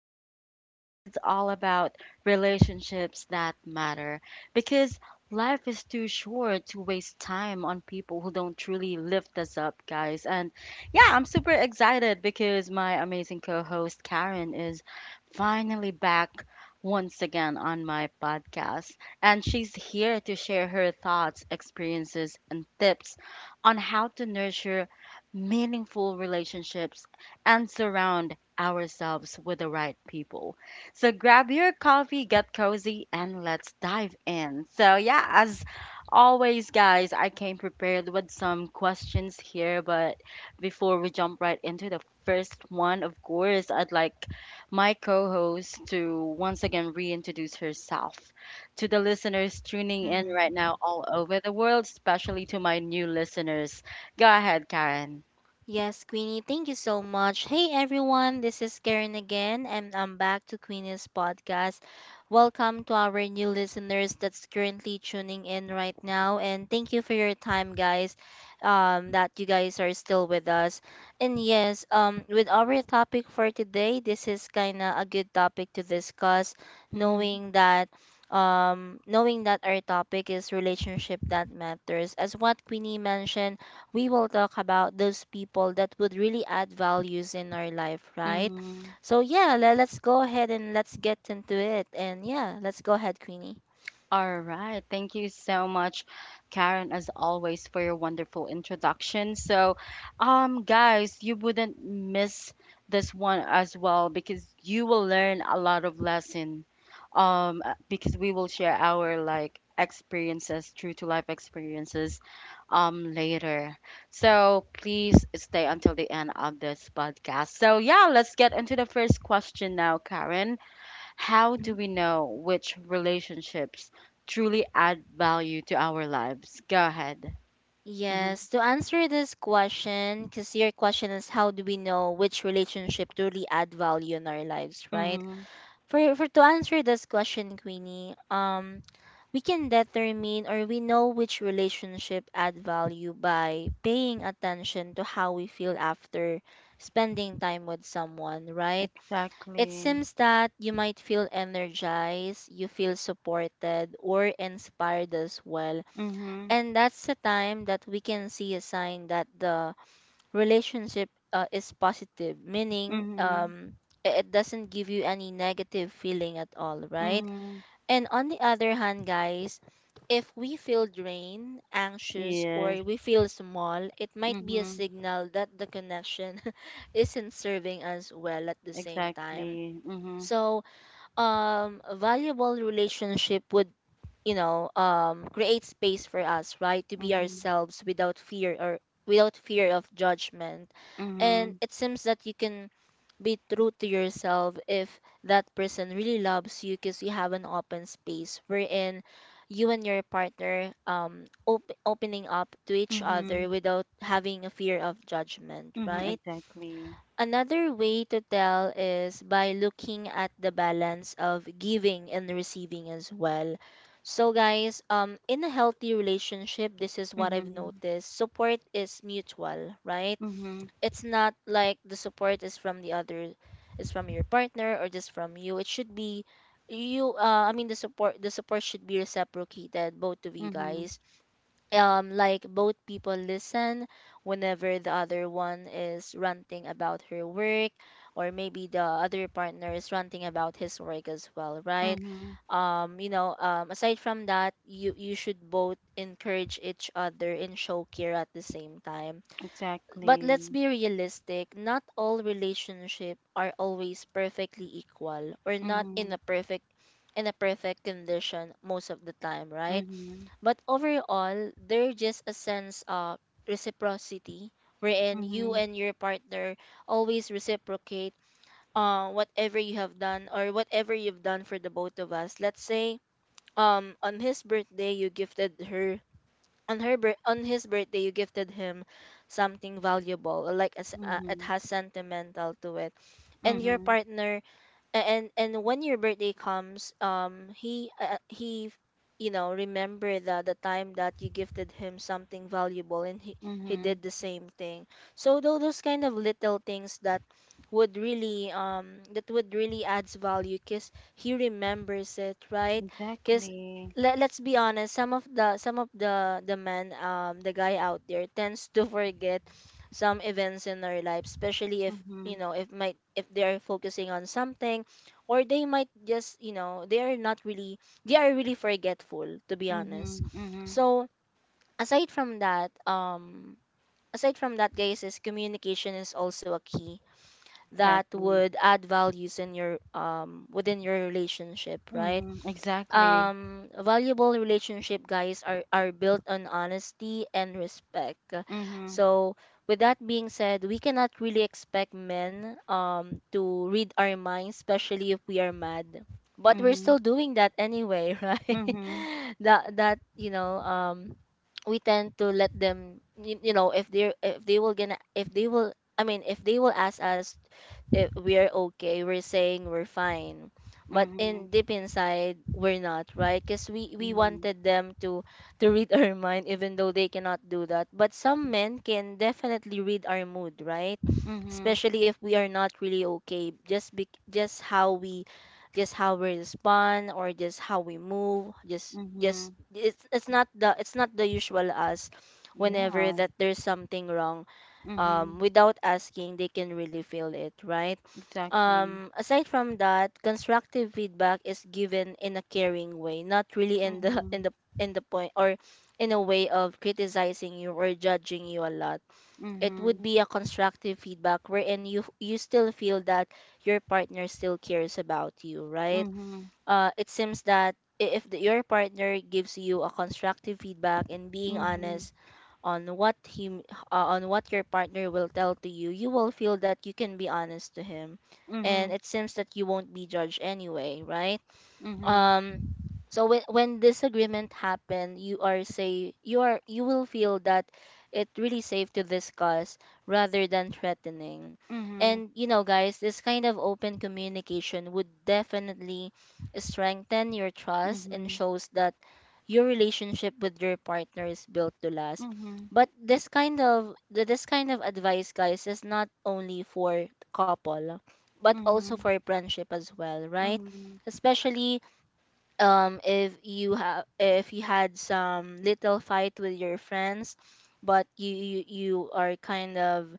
Today's episode is all about relationships that matter because life is too short to waste time on people who don't truly lift us up, guys. And yeah, I'm super excited because my amazing co host Karen is finally back once again on my podcast. And she's here to share her thoughts, experiences, and tips on how to nurture meaningful relationships, and surround ourselves with the right people. So grab your coffee, get cozy, and let's dive in. So, yeah, as always, guys, I came prepared with some questions here, but before we jump right into the first one, of course, I'd like my co host to once again reintroduce herself to the listeners tuning in right now Mm. all over the world, especially to my new listeners. Go ahead, Karen. Yes, Queenie, thank you so much. Hey everyone, this is Karen again, and I'm back to Queenie's podcast. Welcome to our new listeners that's currently tuning in right now, and thank you for your time, guys. That you guys are still with us. And yes, with our topic for today, this is kind of a good topic to discuss, Mhm, knowing that knowing that our topic is relationship that matters. As what Queenie mentioned, we will talk about those people that would really add values in our life, right? mhm. So yeah, let's go ahead and let's get into it. And yeah, let's go ahead, Queenie. All right. Thank you so much, Karen, as always, for your wonderful introduction. So, guys, you wouldn't miss this one as well because you will learn a lot of lesson. Because we will share our like experiences, true to life experiences, later. So please stay until the end of this podcast. So yeah, let's get into the first question now, Karen. How do Mhm. we know which relationships truly add value to our lives? Go ahead. Mm-hmm. Yes, to answer this question, because your question is how do we know which relationship truly add value in our lives, right? Mm-hmm. For to answer this question, Queenie, we can determine or we know which relationship add value by paying attention to how we feel after spending time with someone, right? It Exactly. seems that you might feel energized, you feel supported or inspired as well, Mm-hmm. and that's the time that we can see a sign that the relationship is positive, meaning Mm-hmm. It doesn't give you any negative feeling at all, right? Mm-hmm. And on the other hand, guys, if we feel drained, anxious, Yes. or we feel small, it might be a Mm-hmm. signal that the connection isn't serving us well at the same time. Exactly. Mm-hmm. So, a valuable relationship would, create space for us, right, to be Mm-hmm. ourselves without fear, or without fear of judgment. Mm-hmm. And it seems that you can be true to yourself if that person really loves you, because you have an open space wherein you and your partner opening up to each Mm-hmm. other without having a fear of judgment, Mm-hmm. right? Exactly. Another way to tell is by looking at the balance of giving and receiving as well. So guys, in a healthy relationship, this is what I've Mm-hmm. noticed, support is mutual, right? Mm-hmm. It's not like the support is from the other, is from your partner or just from you. It should be you, I mean the support, the support should be reciprocated, both of you Mm-hmm. guys. Like both people listen whenever the other one is ranting about her work, or maybe the other partner is ranting about his work as well, right? Mm-hmm. Aside from that, you should both encourage each other and show care at the same time. But let's Exactly. be realistic, not all relationships are always perfectly equal, or not in Mm-hmm. a perfect, in a perfect condition most of the time, right? Mm-hmm. But overall, there's just a sense of reciprocity wherein you Mm-hmm. and your partner always reciprocate whatever you have done, or whatever you've done for the both of us. Let's say on his birthday you gifted her, on his birthday you gifted him something valuable, like it Mm-hmm. has sentimental to it. And your Mm-hmm. partner, and when your birthday comes, he, he, you know, remember that the time that you gifted him something valuable, and he Mm-hmm. did the same thing. So those kind of little things that would really adds value because he remembers it, right? Because, Exactly. Let's be honest, some of the, some of the men, the guy out there tends to forget some events in their life, especially if, you Mm-hmm. know, if they're focusing on something, or they might just, you know, they are not really, they are really forgetful, to be honest. Mhm, mhm. So aside from that, aside from that guys, is communication is also a key that Exactly. would add values in your within your relationship, right? Mhm, exactly. Valuable relationship guys are built on honesty and respect. Mhm, So with that being said, we cannot really expect men, to read our minds, especially if we are mad, but we're mhm, still doing that anyway right? mhm, That that you know we tend to let them, you know if they're, if they will, I mean if they will ask us if we are okay, we're saying we're fine, but mhm, in deep inside we're not, right? Because we mhm, wanted them to read our mind, even though they cannot do that. But some men can definitely read our mood, right? mhm, Especially if we are not really okay. Just be, just how we respond, or just how we move. just mhm. just it's not the, it's not the usual us whenever Yeah. that there's something wrong. Mhm, Without asking, they can really feel it, right? exactly. Aside from that, constructive feedback is given in a caring way, not really in the Mhm, in the, in the point, or in a way of criticizing you or judging you a lot. It mhm, would be a constructive feedback wherein you still feel that your partner still cares about you, right? mhm, It seems that I- if the, your partner gives you a constructive feedback and being mhm, honest on on what your partner will tell to you, you will feel that you can be honest to him, and mhm, it seems that you won't be judged anyway, right? mhm, mhm, um so when disagreement happen, you are, you will feel that it really safe to discuss rather than threatening. mhm, And you know guys, this kind of open communication would definitely strengthen your trust and mhm, shows that your relationship with your partner is built to last. But this kind of this kind of advice, guys, is not only for couple, but also mhm, for friendship as well, right? mhm, Especially if you have, if you had some little fight with your friends, but you you are kind of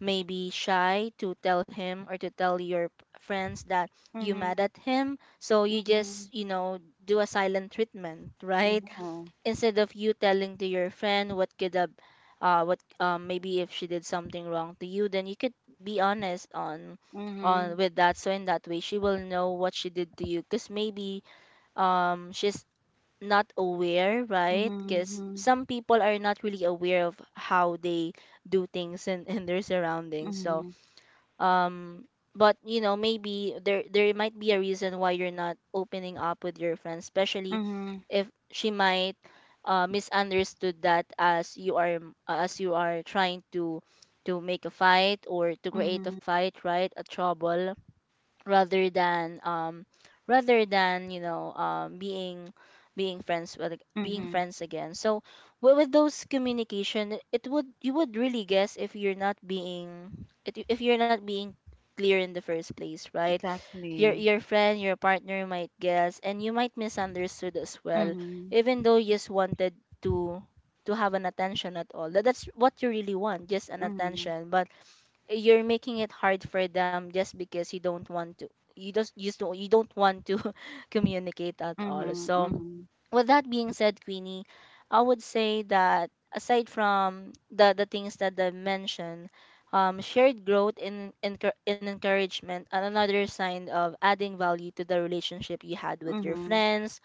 maybe shy to tell him, or to tell your friends that mhm, you mad mhm. at him, so you just, you know, do a silent treatment right? Yeah. Instead of you telling to your friend what could have, what maybe if she did something wrong to you, then you could be honest on Mhm, with that. So in that way she will know what she did to you, because maybe she's not aware, right? Because mhm, some people are not really aware of how they do things in, in their surroundings. So mhm, um but you know, maybe there might be a reason why you're not opening up with your friends, especially mhm, if she might, misunderstood that, as you are, as you are trying to make a fight or to create a mhm, fight, right, a trouble, rather than rather than, you know, being, being friends, with mhm, being mhm. friends again. So with those communication, it would, you would really guess if you're not being, if you're not being clear in the first place, right? your Exactly. your friend, your partner might guess, and you might misunderstood as well, Mhm, even though you just wanted to to have an attention at all. That's what you really want, just an mhm. attention. But you're making it hard for them just because you don't want to, you just, you just don't you don't want to communicate at all. Mhm, So mhm, with that being said, Queenie, I would say that aside from the things that I mentioned, shared growth in encouragement and another sign of adding value to the relationship you had with your mhm, friends,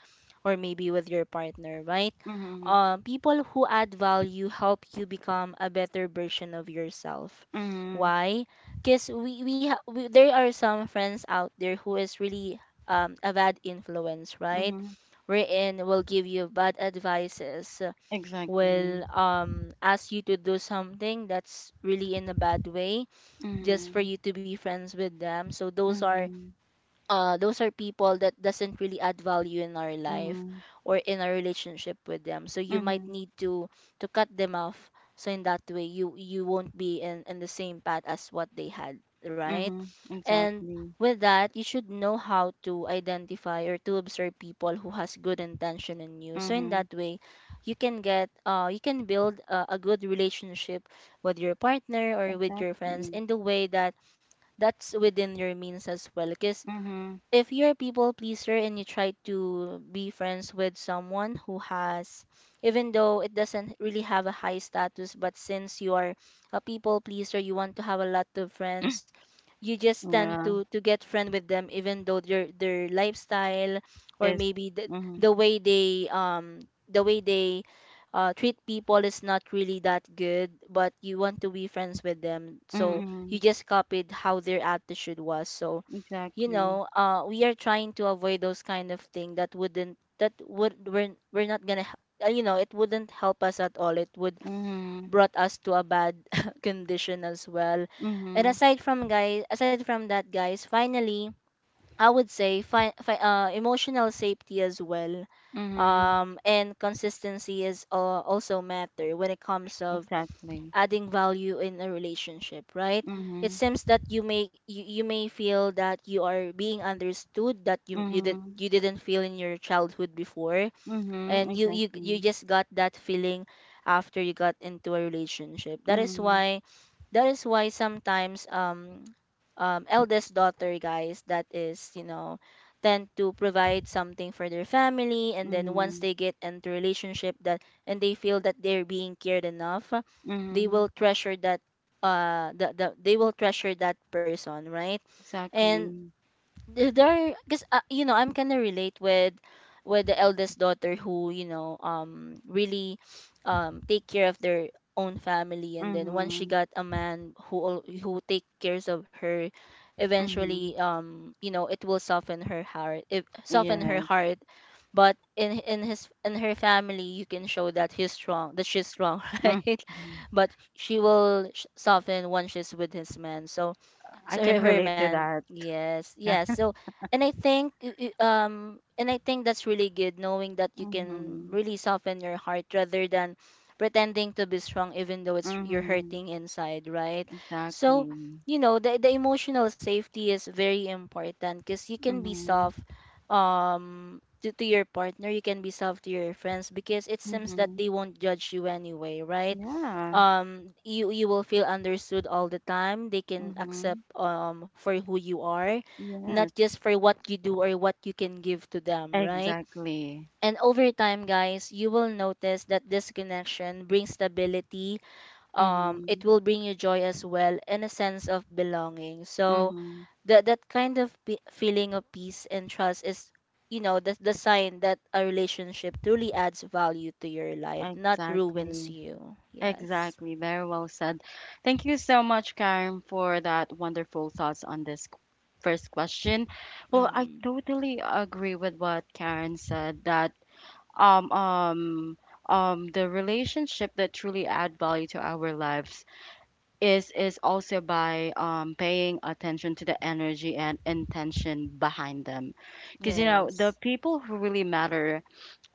or maybe with your partner, right? mhm, Um, people who add value help you become a better version of yourself. mhm, Why? Because we, there are some friends out there who is really a bad influence, right? mhm. Wherein will give you bad advices, Exactly. will ask you to do something that's really in a bad way, just for Mhm, you to be friends with them. So those are mhm, those are people that doesn't really add value in our life mhm, or in our relationship with them, so you might mhm, need to cut them off, so in that way you won't be in the same path as what they had, right? mhm. And Exactly. with that, you should know how to identify or to observe people who has good intention in you, so in that Mhm, you can get you can build a good relationship with your partner or with your friends, exactly. in the way that that's within your means as well. Because Mhm. if you're a people pleaser and you try to be friends with someone who has, even though it doesn't really have a high status, but since you are a people pleaser, you want to have a lot of friends, you just tend Yeah. to get friend with them, even though their lifestyle or It's. maybe the, Mhm, the way they the way they treat people is not really that good, but you want to be friends with them, so you mhm. just copied how their attitude was. So Exactly. We are trying to avoid those kind of thing that wouldn't that would we're not gonna it wouldn't help us at all, it would Mhm, brought us to a bad condition as well. And mhm, aside from guys, aside from that guys, finally I would say emotional safety as well. mhm. And consistency is also matter when it comes of Exactly. adding value in a relationship, right? It Mhm, seems that you may you may feel that you are being understood, that mhm, you didn't feel in your childhood before, mhm. and you Exactly. just got that feeling after you got into a relationship. That is Mhm, why, that is why sometimes eldest daughter guys, that is, you know, tend to provide something for their family, and then once mhm, they get into relationship that, and they feel that they're being cared enough, they mhm. will treasure that. They will treasure that person, right? Exactly. And there because I'm kind of relate with the eldest daughter who, you know, really take care of their own family, and then once she Mhm, got a man who who take cares of her eventually, mhm. You know, it will soften her heart, if soften her Yeah. heart. But in her family you can show that he's strong that she's strong Mhm. right? But she will soften once she's with his man. So I so can her relate to man, that. yes, Yeah. yes. So and I think and I think that's really good, knowing that you can Mhm. really soften your heart rather than pretending to be strong even though it's you're Mhm. hurting inside, right? Exactly. So you know the emotional safety is very important because you can be Mhm. soft to your partner, you can be soft to your friends, because it seems that Mhm. they won't judge you anyway, right? Yeah. You will feel understood all the time, they can accept Mhm. For who you are, not Yes. just for what you do or what you can give to them, right? Exactly. And over time guys, you will notice that this connection brings stability, it Mhm. will bring you joy as well and a sense of belonging. So Mhm. that, that kind of feeling of peace and trust is, you know, the sign that a relationship truly adds value to your life, not ruins Exactly. you. Yes. Exactly. Very well said. Thank you so much, Karen, for that wonderful thoughts on this first question. Well, I Mm. totally agree with what Karen said that um um the relationship that truly add value to our lives is also by paying attention to the energy and intention behind them, because you know Yes. the people who really matter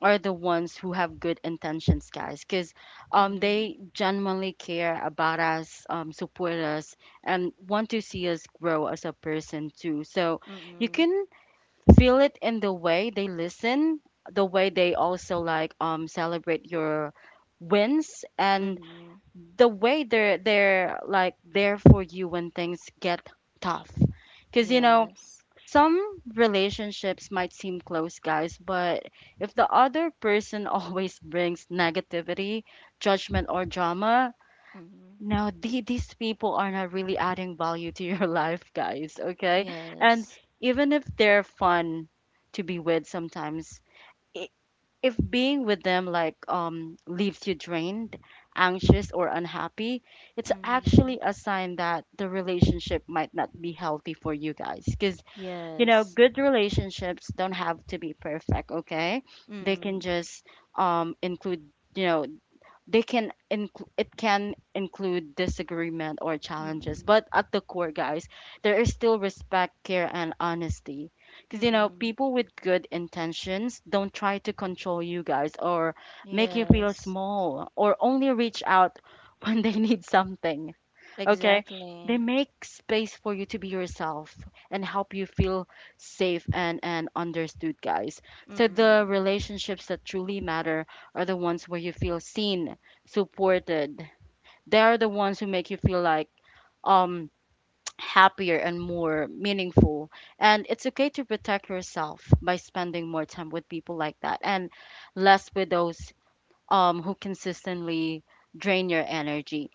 are the ones who have good intentions, guys, because Mm-hmm. they genuinely care about us, support us and want to see us grow as a person too. So you Mm-hmm. can feel it in the way they listen, the way they also like celebrate your wins, and Mm-hmm. the way they're like there for you when things get tough. Cuz you know, Yes. some relationships might seem close, guys, but if the other person always brings negativity, judgment or drama, Mm-hmm. no, these people are not really adding value to your life, guys. Okay. And Yes. even if they're fun to be with sometimes, i- if being with them like leaves you drained, anxious, or unhappy, it's Mm-hmm. actually a sign that the relationship might not be healthy for you, guys. Because, you know, Yes. good relationships don't have to be perfect. Okay. They can Mm-hmm. just include, you know, they can include it can include disagreement or challenges, Mm-hmm. but at the core, guys, there is still respect, care and honesty. Because you know Mm-hmm. people with good intentions don't try to control you, guys, or make you Yeah. feel small, or only reach out when they need something. Okay. They Exactly. make space for you to be yourself and help you feel safe and understood, guys. So, the Mm-hmm. relationships that truly matter are the ones where you feel seen, supported. They are the ones who make you feel like, um, happier and more meaningful. And it's okay to protect yourself by spending more time with people like that and less with those who consistently drain your energy.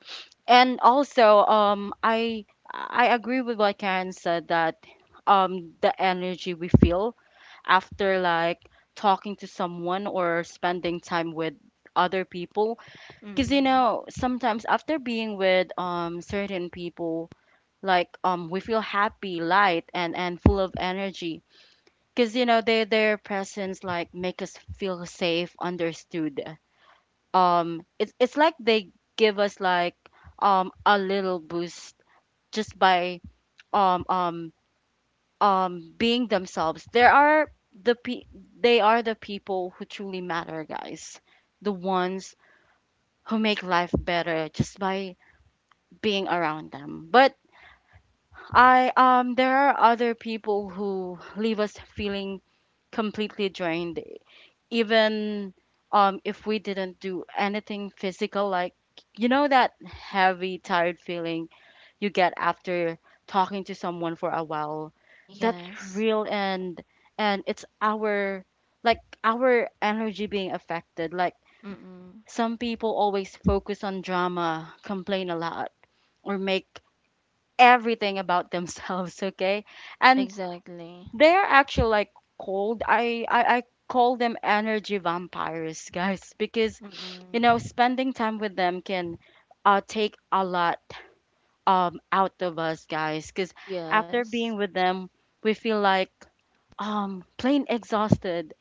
And also, I agree with what Karen said, that the energy we feel after like talking to someone or spending time with other people. Because you Mm-hmm. know sometimes after being with certain people, like we feel happy, light, and full of energy, because you know their presence like make us feel safe, understood. It's like they give us like a little boost just by um um being themselves. There are the pe- they are the people who truly matter, guys. The ones who make life better just by being around them. But I there are other people who leave us feeling completely drained, even if we didn't do anything physical, like you know that heavy tired feeling you get after talking to someone for a while. That's Yes. real, and it's our like our energy being affected. Like Mm-hmm. some people always focus on drama, complain a lot, or make everything about themselves okay, and Exactly. they're actually like cold. I call them energy vampires guys, because you know Mm-hmm. spending time with them can take a lot out of us, guys, because after Yes. being with them we feel like plain exhausted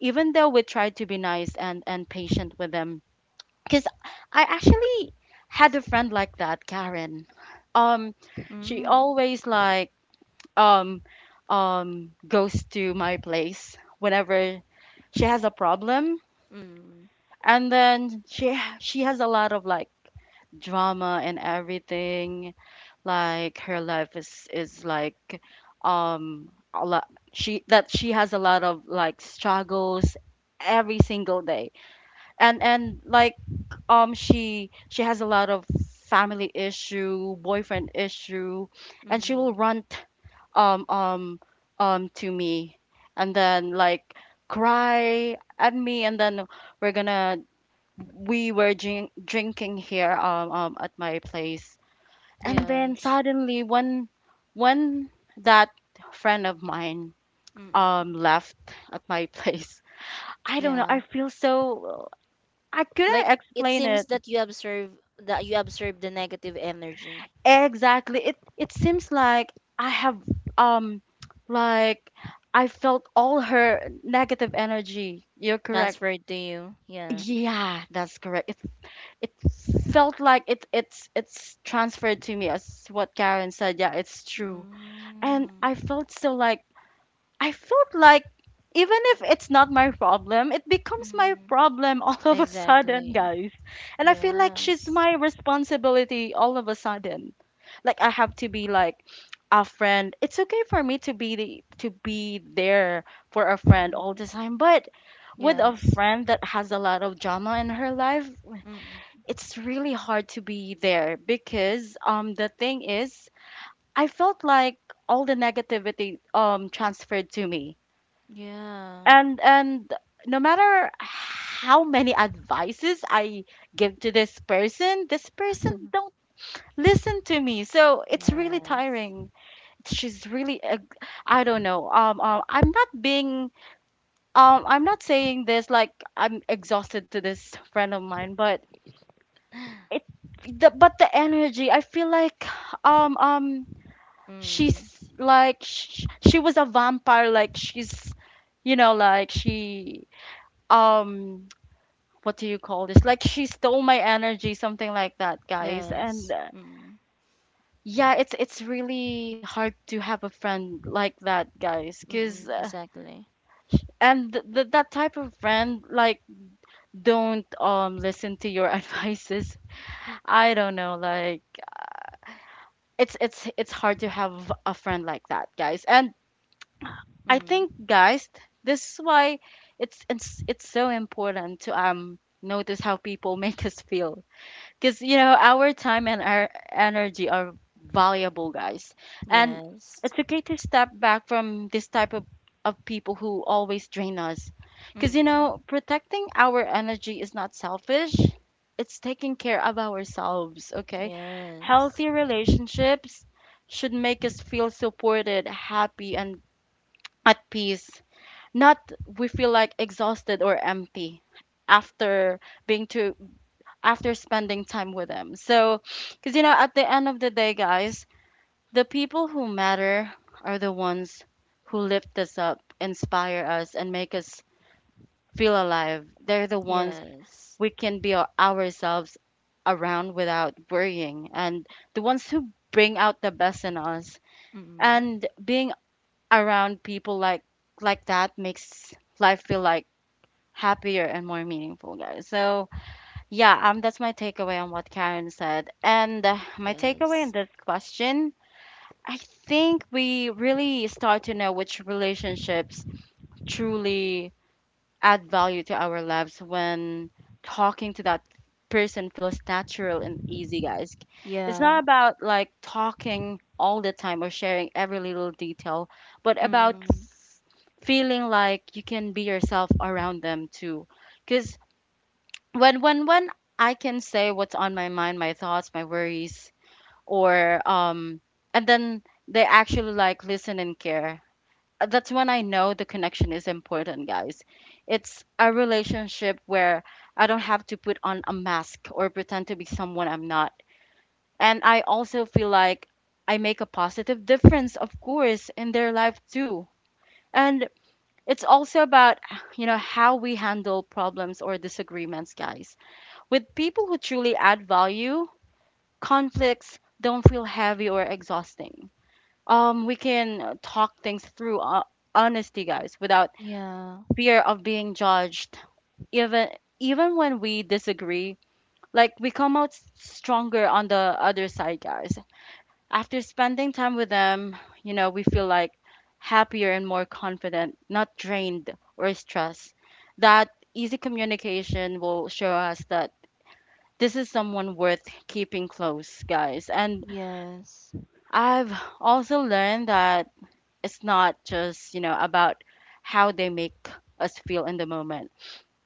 even though we try to be nice and patient with them. Because I actually had a friend like that, Karen. um she Mm-hmm. always like um goes to my place whenever she has a problem, Mm-hmm. and then she has a lot of like drama and everything. Like her life is like a lot. She has a lot of like struggles every single day. And like she has a lot of family issue, boyfriend issue, and she will Mm-hmm. rant um um to me, and then like cry at me, and then we're gonna we were drinking here, at my place. And then Yes. suddenly when when that friend of mine Mm-hmm. Left at my place, I don't know, Yeah. I feel so, I Like couldn't it explain seems it. That you observe the negative energy Exactly. It seems like I have um like I felt all her negative energy. You're correct. transferred to you. Yeah. Yeah, that's correct. It felt like it's transferred to me, as what Karen said. Yeah, it's true. And Mm, I felt so like I felt like, even if it's not my problem, it becomes my mhm. problem all of a sudden, Exactly. guys. And I feel like she's Yes. my responsibility all of a sudden. Like I have to be like a friend. It's okay for me to be to be there for a friend all Mm-mm. the time, but with a Yes. friend that has a lot of drama in her life, Mm-mm. it's really hard to be there, because the thing is, I felt like all the negativity transferred to me. Yeah. And no matter how many advices I give to this person, this person don't listen to me, so it's really Yes. tiring. She's really I don't know, I'm not being I'm not saying this like I'm exhausted to this friend of mine, but it but the energy I feel like um um Mm. she's like she was a vampire, like she's, you know, like she um what do you call this? Like she stole my energy, something like that, guys. Yes. And Mm. yeah, it's really hard to have a friend like that, guys. Cause Mm-mm. Exactly. and that type of friend like don't listen to your advices. I don't know, like it's hard to have a friend like that, guys. And I Mm. think, guys, this is why it's so important to notice how people make us feel, because you know our time and our energy are valuable, guys, and Yes. it's okay to step back from this type of people who always drain us. Because you Mm. know protecting our energy is not selfish, it's taking care of ourselves. Okay. Yes. Healthy relationships should make us feel supported, happy and at peace, not we feel like exhausted or empty after being too after spending time with him. So, because you know, at the end of the day, guys, the people who matter are the ones who lift us up, inspire us, and make us feel alive. They're the ones Yes. we can be ourselves around without worrying, and the ones who bring out the best in us. Mm. And being around people like that makes life feel like happier and more meaningful, guys. So, yeah, that's my takeaway on what Karen said. And my takeaway Yes. in this question, I think we really start to know which relationships truly add value to our lives when talking to that person feels natural and easy, guys. It's Yeah. not about like talking all the time or sharing every little detail, but about Mm. feeling like you can be yourself around them too. Because when I can say what's on my mind, my thoughts, my worries, or and then they actually like listen and care. That's when I know the connection is important, guys. It's a relationship where I don't have to put on a mask or pretend to be someone I'm not. And I also feel like I make a positive difference, of course, in their life too. And it's also about, you know, how we handle problems or disagreements, guys. With people who truly add value, conflicts don't feel heavy or exhausting. We can talk things through honesty, guys, without Yeah. fear of being judged. Even even when we disagree, like we come out stronger on the other side, guys. After spending time with them, you know, we feel like happier and more confident, not drained or stressed. That easy communication will show us that this is someone worth keeping close, guys. And Yes. I've also learned that it's not just, you know, about how they make us feel in the moment,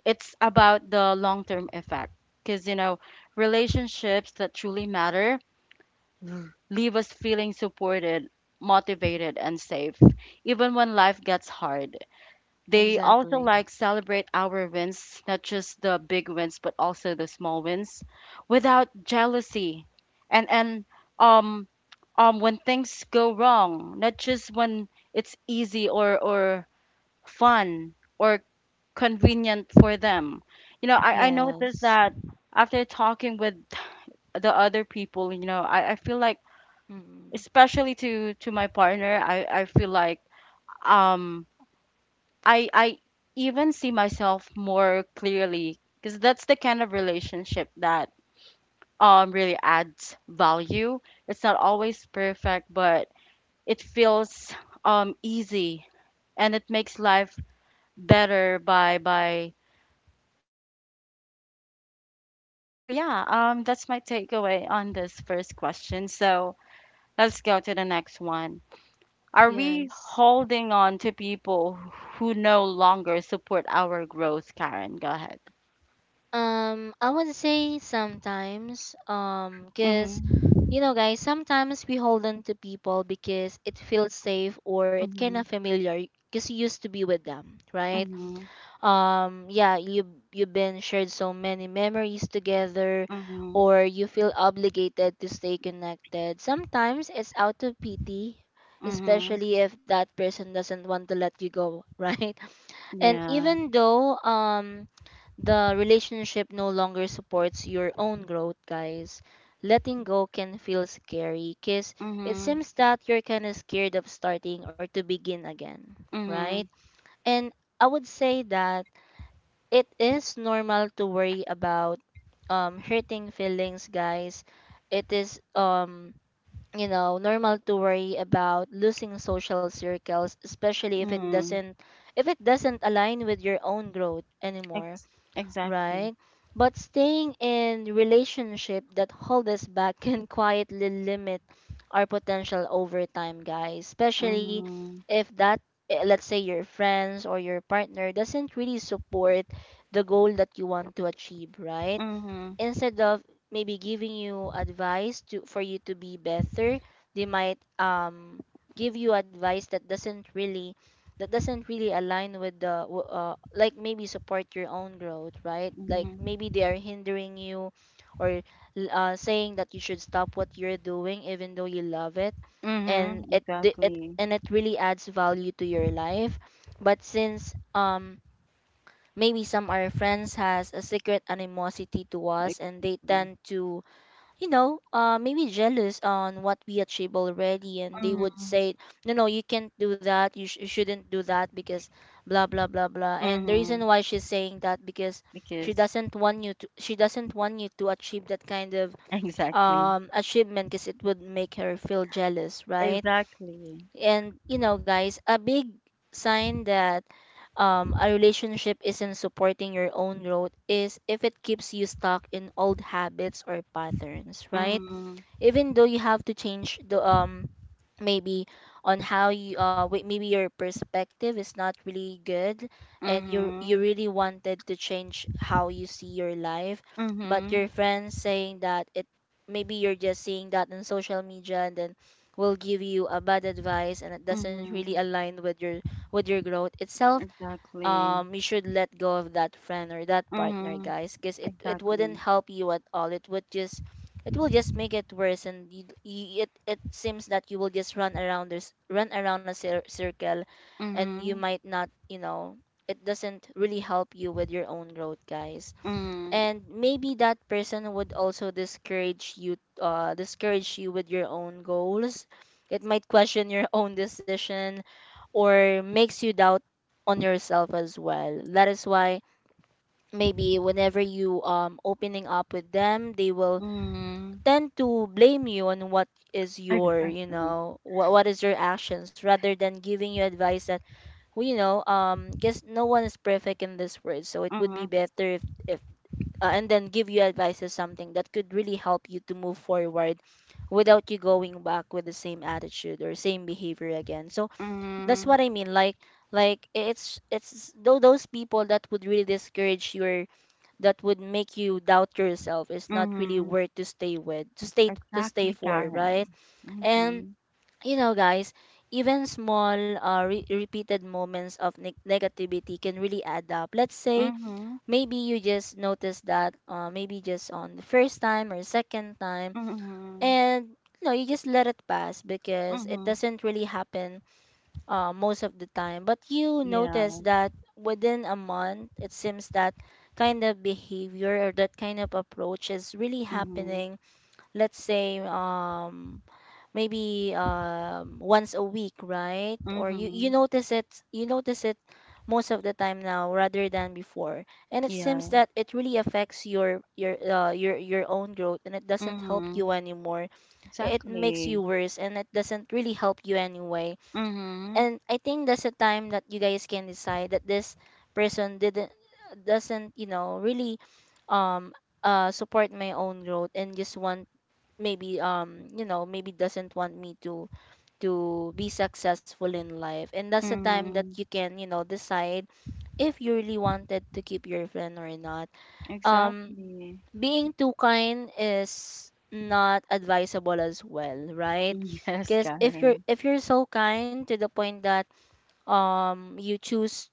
it's about the long term effect. Because, you know, relationships that truly matter leave us feeling supported, motivated, and safe, even when life gets hard. They also Exactly. like celebrate our wins, not just the big wins, but also the small wins, without jealousy. And um when things go wrong, not just when it's easy or fun or convenient for them. You know, I noticed Yes. that after talking with the other people, you know, I feel like Mm. especially to my partner, I feel like um I even see myself more clearly because that's the kind of relationship that really adds value. It's not always perfect, but it feels easy and it makes life better by being with that person. So yeah, that's my takeaway on this first question. So let's go to the next one. Are we Yes. holding on to people who no longer support our growth, Karen? Go ahead. I would say sometimes, Mhm, because you know, guys, sometimes we hold on to people because it feels safe or it kind of mhm, familiar, because you used to be with them, right? mhm, Yeah, you you've been shared so many memories together, mhm, or you feel obligated to stay connected. Sometimes it's out of pity, mhm, especially if that person doesn't want to let you go, right? And yeah, even though the relationship no longer supports your own growth, guys, letting go can feel scary because it mhm, seems that you're kind of scared of starting or to begin again, right? mhm, And I would say that it is normal to worry about hurting feelings, guys. It is normal to worry about losing social circles, especially mm, if it doesn't align with your own growth anymore, ex exactly, right? But staying in relationship that hold us back can quietly limit our potential over time guys, especially mhm, if that, let's say your friends or your partner doesn't really support the goal that you want to achieve, right? mhm, Instead of maybe giving you advice to for you to be better, they might give you advice that doesn't really align with the like maybe support your own growth, right? Like mhm, maybe they are hindering you, or saying that you should stop what you're doing even though you love it and mhm, exactly, it really adds value to your life. But since maybe some our friends has a secret animosity to us, and they exactly, tend to, you know, maybe jealous on what we achieve already, and they would mhm, say no, no, you can't do that, you shouldn't do that because blah blah blah blah. And the mhm, reason why she's saying that because she because doesn't want you to, she doesn't want you to achieve that kind of exactly, achievement because it would make her feel jealous, right? exactly, And you know, guys, a big sign that a relationship isn't supporting your own growth is if it keeps you stuck in old habits or patterns, right? mhm, Even though you have to change the maybe on how you wait, maybe your perspective is not really good and you mhm, really wanted to change how you see your life, but mhm, your friends saying that it, maybe you're just seeing that on social media, and then will give you a bad advice and it doesn't really mhm, align with your growth itself. exactly, You should let go of that friend or that partner mhm, guys, because it wouldn't exactly, help you at all, it would just, it will just make it worse. And it it seems that you will just run around this, run around a circle, and you mhm, might not, you know, it doesn't really help you with your own growth guys. mhm, And maybe that person would also discourage you, discourage you with your own goals, it might question your own decision, or makes you doubt on yourself as well. That is why maybe whenever you opening up with them, they will mhm, tend to blame you on what is your, you exactly. know, what is your actions rather than giving you advice that, well, you know guess no one is perfect in this world, so it would be Mhm, better if and then give you advice is something that could really help you to move forward without you going back with the same attitude or same behavior again. So that's mhm, what I mean, like it's though those people that would really discourage your, that would make you doubt yourself, is not really mhm. worth to stay with, to stay Exactly, for, right? Karen. And Mhm, you know guys, even small repeated moments of negativity can really add up. Let's say mhm, maybe you just notice that maybe just on the first time or second time, mhm, and no, you just let it pass because it mhm. doesn't really happen most of the time. But you Yeah. notice that within a month, it seems that kind of behavior or that kind of approach is really Mhm, happening, let's say maybe once a week, right? Or you mhm. notice it, you notice it most of the time now rather than before. And it seems Yeah. that it really affects your your own growth and it doesn't help Mhm. you anymore. I- It makes Exactly. you worse and it doesn't really help you anyway. Mhm, And I think that's a time that you guys can decide that this person didn't doesn't, really um support my own growth and just want maybe maybe doesn't want me to be successful in life, and that's the time that you mhm. can, decide if you really wanted to keep your friend or not. um Exactly. Being too kind is not advisable as well, right? Yes, Because if you're Karen. if you're so kind to the point that you choose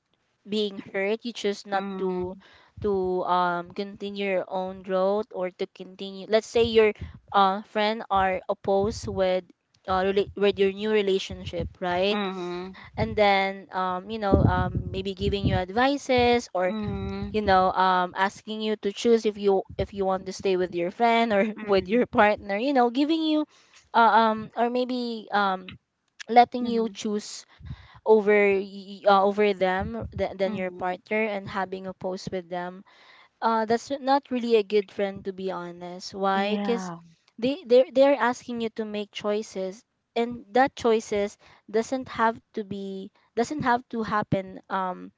being hurt, you choose not to Mhm, to continue your own growth, or to continue, let's say, your friend are opposed with with your new relationship, right? mhm, And then maybe giving you advices, or, mhm, asking you to choose if you want to stay with your friend or with your mhm, partner, you know, giving you uh, or maybe mhm, letting you choose over over them than your mhm. partner, and having a post with them. That's not really a good friend, to be honest. Why? Yeah. Because they're asking you to make choices, and that choices doesn't have to happen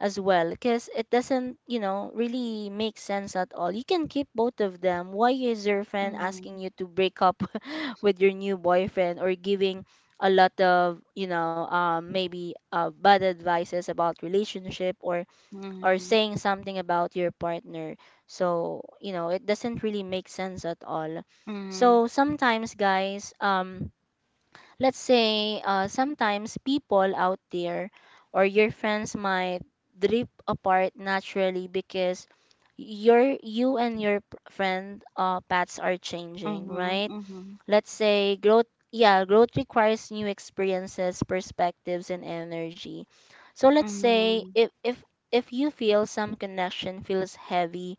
as well, because it doesn't, you know, really make sense at all. You can keep both of them. Why is your friend asking Mhm, you to break up with your new boyfriend, or giving a lot of, maybe, bad advices about relationship, or mhm, saying something about your partner? So, you know, it doesn't really make sense at all. mhm, So sometimes, guys, let's say, sometimes people out there or your friends might drift apart naturally, because your you and your p- friend paths are changing, mhm, right? mhm, Let's say growth. Yeah, growth requires new experiences, perspectives, and energy. So let's say mhm, if you feel some connection feels heavy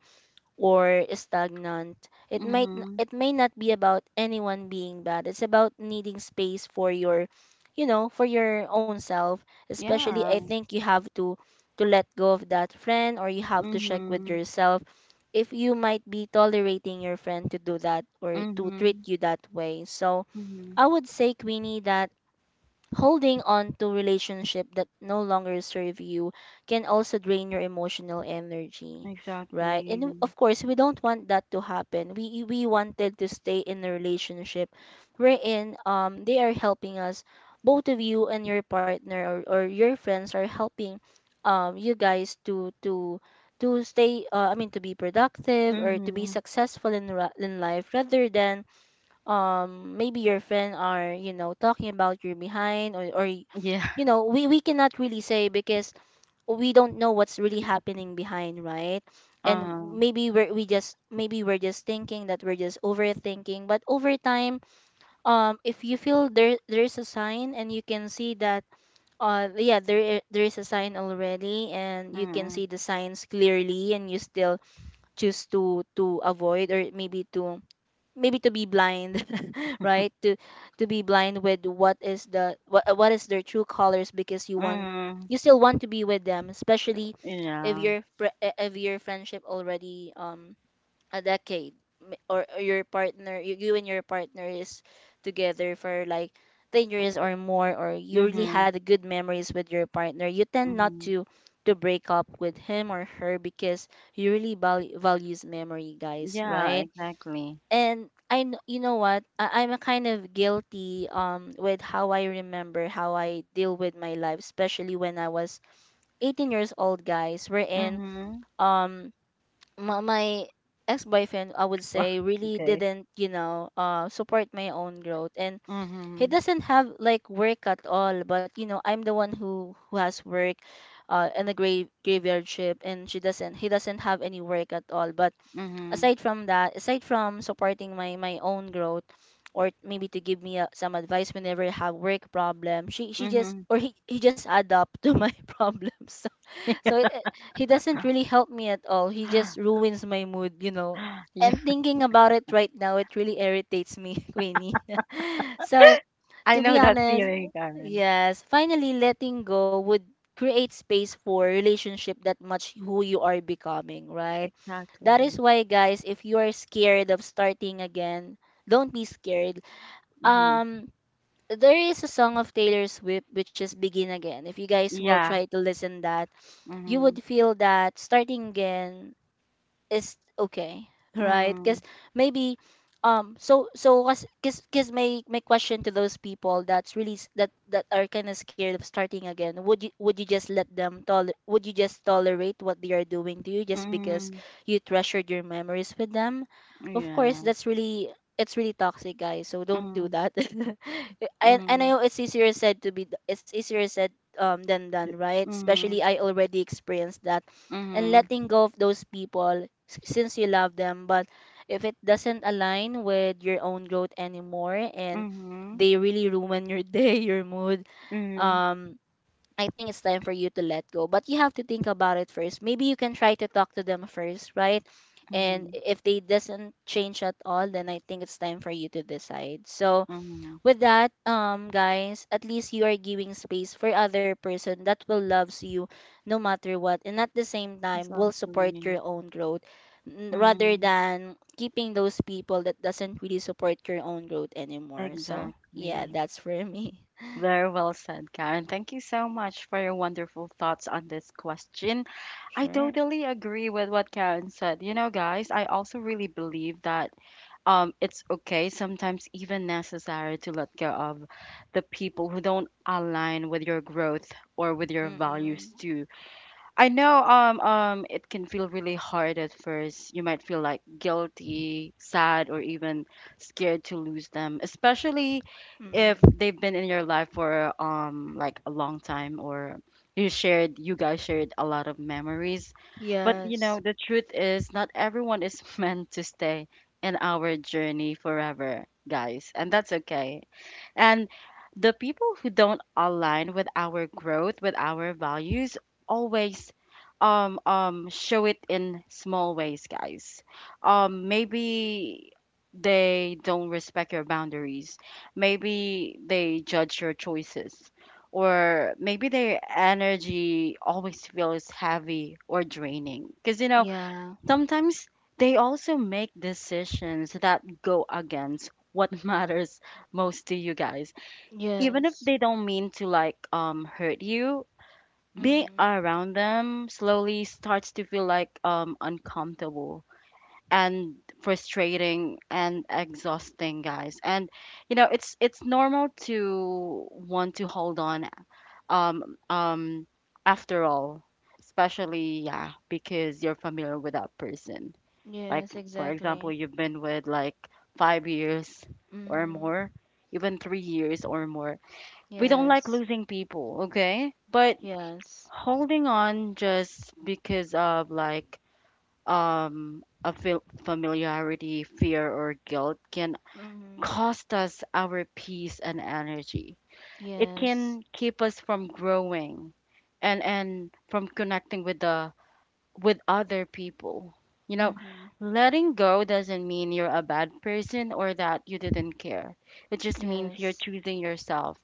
or stagnant. Mhm. It may not be about anyone being bad. It's about needing space for your you know, for your own self. Especially I Yeah. think you have to let go of that friend, or you have to check with Mhm, yourself if you might be tolerating your friend to do that or to treat mhm, you that way. So mhm. I would say, Queenie, that holding on to relationship that no longer serve you can also drain your emotional energy, right? Exactly. And of course, we don't want that to happen. We wanted to stay in a relationship wherein they are helping us, both of you and your partner, or your friends are helping you guys to stay I mean, to be productive or to be Mhm. successful in in life, rather than maybe your friend are, you know, talking about your behind, or Yeah. you know, we cannot really say because we don't know what's really happening behind, right? And Uh. maybe we're we just maybe we're just thinking that we're just overthinking, but over time if you feel there's a sign and you can see that yeah, there is a sign already and you can see Mhm. the signs clearly, and you still choose to avoid, or maybe to maybe to be blind right, to be blind with what is the what is their true colors, because you want Mhm. you still want to be with them, especially if Yeah. your if your friendship already a decade or your partner, you and your partner is together for like 10 years or more, or you really Mhm. had good memories with your partner, you tend not Mhm. to to break up with him or her because you really value values memory, guys, Yeah. right? Exactly. And you know what, I'm a kind of guilty with how I remember how I deal with my life, especially when I was 18 years old, guys. Wherein Mhm. um my ex boyfriend, I would Well, say, really okay. didn't, you know, support my own growth, and he Mhm. doesn't have like work at all. But you know, I'm the one who has work, in a graveyard ship, and she doesn't, he doesn't have any work at all. But Mhm. aside from that, aside from supporting my own growth, or maybe to give me, some advice whenever I have work problem, she just Mhm. or he just add up to my problems. So so it, it- he doesn't really help me at all. He just ruins my mood, you know. yeah. And thinking about it right now, it really irritates me, Queenie. So I to know be that honest, feeling, Karen. yes, finally letting go would create space for relationship that much who you are becoming, right? That is Exactly. why, guys, if you are scared of starting again, don't be scared. Mhm. Um, there is a song of Taylor Swift, which is "Begin Again." If you guys will Yeah. try to listen that, you Mhm. would feel that starting again is okay, right? Mhm. Because maybe so was because my question to those people that's really that that are kind of scared of starting again, would you, would you just let them toler, would you just tolerate what they are doing to you just because Mhm. you treasured your memories with them? Of course, Yeah. that's really, it's really toxic, guys, so don't do Mhm. that. And I Mhm. know it's easier said to it's easier said than done, right? Mhm. Especially I already experienced that, and Mhm. letting go of those people since you love them. But if it doesn't align with your own growth anymore, and Mhm. they really ruin your day, your mood, Mhm, um, I think it's time for you to let go. But you have to think about it first. Maybe you can try to talk to them first, right? And mhm, if they doesn't change at all, then I think it's time for you to decide. So mhm. with that, guys, at least you are giving space for other person that will loves you no matter what, and at the same time will Exactly. support your own growth, rather Mhm, than keeping those people that doesn't really support your own growth anymore. So yeah, exactly. that's for me. Very well said, Karen. Thank you so much for your wonderful thoughts on this question. I Sure. totally agree with what Karen said. You know, guys, I also really believe that it's okay, sometimes even necessary to let go of the people who don't align with your growth or with your values Mm-mm. too. I know it can feel really hard at first. You might feel like guilty, sad, or even scared to lose them, especially if Mm-mm. they've been in your life for like a long time or you guys shared a lot of memories. But you know, Yes. the truth is not everyone is meant to stay in our journey forever, guys, and that's okay. And the people who don't align with our growth, with our values, always show it in small ways, guys. Maybe they don't respect your boundaries. Maybe they judge your choices. Or maybe their energy always feels heavy or draining. Because, you know, Yeah. sometimes they also make decisions that go against what matters most to you guys, even if Yes. they don't mean to like hurt you. Being Mm. around them slowly starts to feel like uncomfortable and frustrating and exhausting, guys. And you know, it's normal to want to hold on um um after all, especially yeah, because you're familiar with that person. Like Yes. for example, Exactly. you've been with like 5 years or Mm-hmm. more, even 3 years or more. We don't like Yes. losing people, okay? But Yes. holding on just because of like a familiarity, fear or guilt can Mm-hmm. cost us our peace and energy. It Yes. can keep us from growing and from connecting with the with other people. You know, Mm-hmm. letting go doesn't mean you're a bad person or that you didn't care. It just means you're Yes. choosing yourself,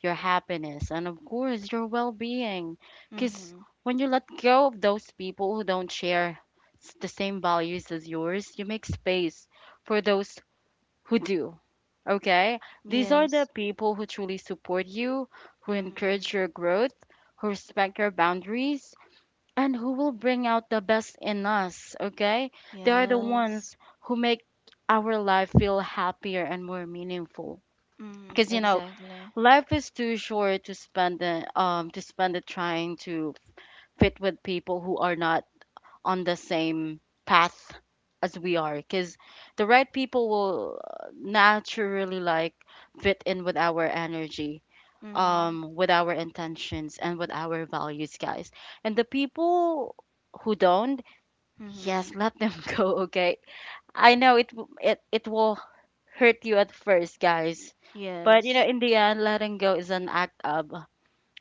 your happiness, and of course, your well being. Because Mm-hmm. when you let go of those people who don't share the same values as yours, you make space for those who do. Okay? These are the Yes. people who truly support you, who Mm-hmm. encourage your growth, who respect your boundaries, and who will bring out the best in us. Okay? They are the Yes. ones who make our life feel happier and more meaningful. Mm-hmm. Because, you know, Exactly. life is too short to spend it, trying to fit with people who are not on the same path as we are. Because the right people will naturally like fit in with our energy, Mm-hmm. With our intentions, and with our values, guys. And the people who don't, Mm-hmm. yes, let them go. Okay, I know it it will hurt you at first, guys. But Yes. you know, in the end, letting go is an act of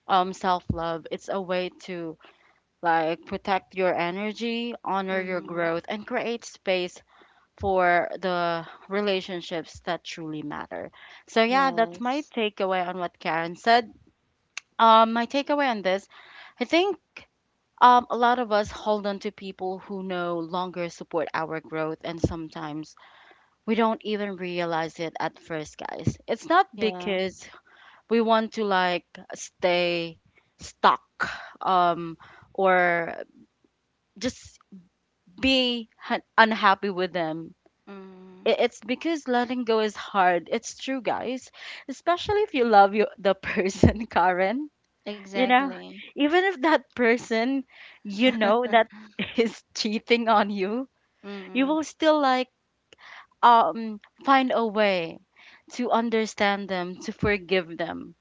self-love. It's a way to like protect your energy, honor your Mm-hmm. growth and create space for the relationships that truly matter. So yeah, that's my Yes. takeaway on what Karen said. My takeaway on this, I think a lot of us hold on to people who no longer support our growth, and sometimes we don't even realize it at first, guys. It's not Yeah. because we want to like stay stuck um or just be unhappy with them. Mm-hmm. It's because letting go is hard, it's true, guys, especially if you love you the person, Karen. You know, Exactly. even if that person, you know, that is cheating on you, you Mm-hmm. will still like find a way to understand them, to forgive them,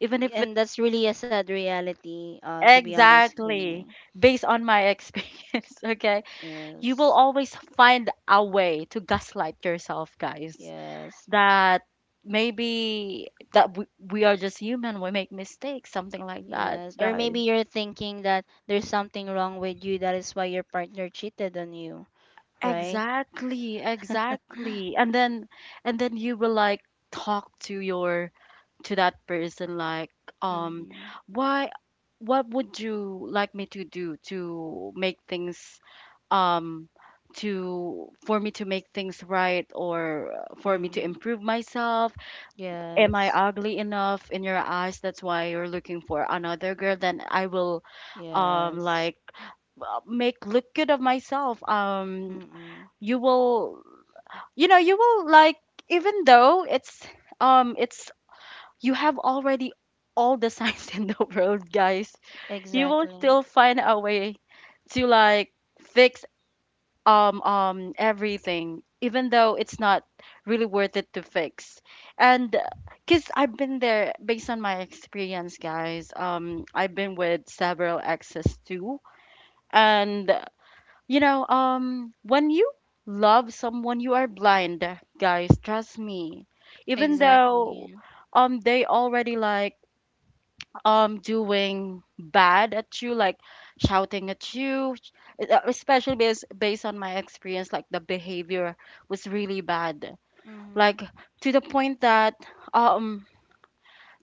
even if it. And that's really a sad reality, to be honest. Exactly. Based on my experience, okay? You will Yes. always find a way to gaslight yourself, guys. Yes. That maybe that we are just human, we make mistakes, something like that, Yes. Or maybe guys. you're thinking that there's something wrong with you, that is why your partner cheated on you, right? Exactly, exactly. And then you will like talk to your to that person like um Mm-hmm. why, what would you like me to do to make things um to for me to make things right or for me to improve myself? Am I Yes. ugly enough in your eyes? That's why you're looking for another girl. Then I will um Yes. like make look good of myself. Mm-mm. You will, you know, you will like, even though it's um it's you have already all the signs in the world, guys, you will Exactly. still find a way to like fix everything even though it's not really worth it to fix. And because I've been there, based on my experience, guys, I've been with several exes too. And you know, when you love someone, you are blind, guys. Trust me. Even though, Exactly. They already like doing bad at you, like shouting at you, especially based on my experience, like the behavior was really bad. Like Mm-hmm. to the point that um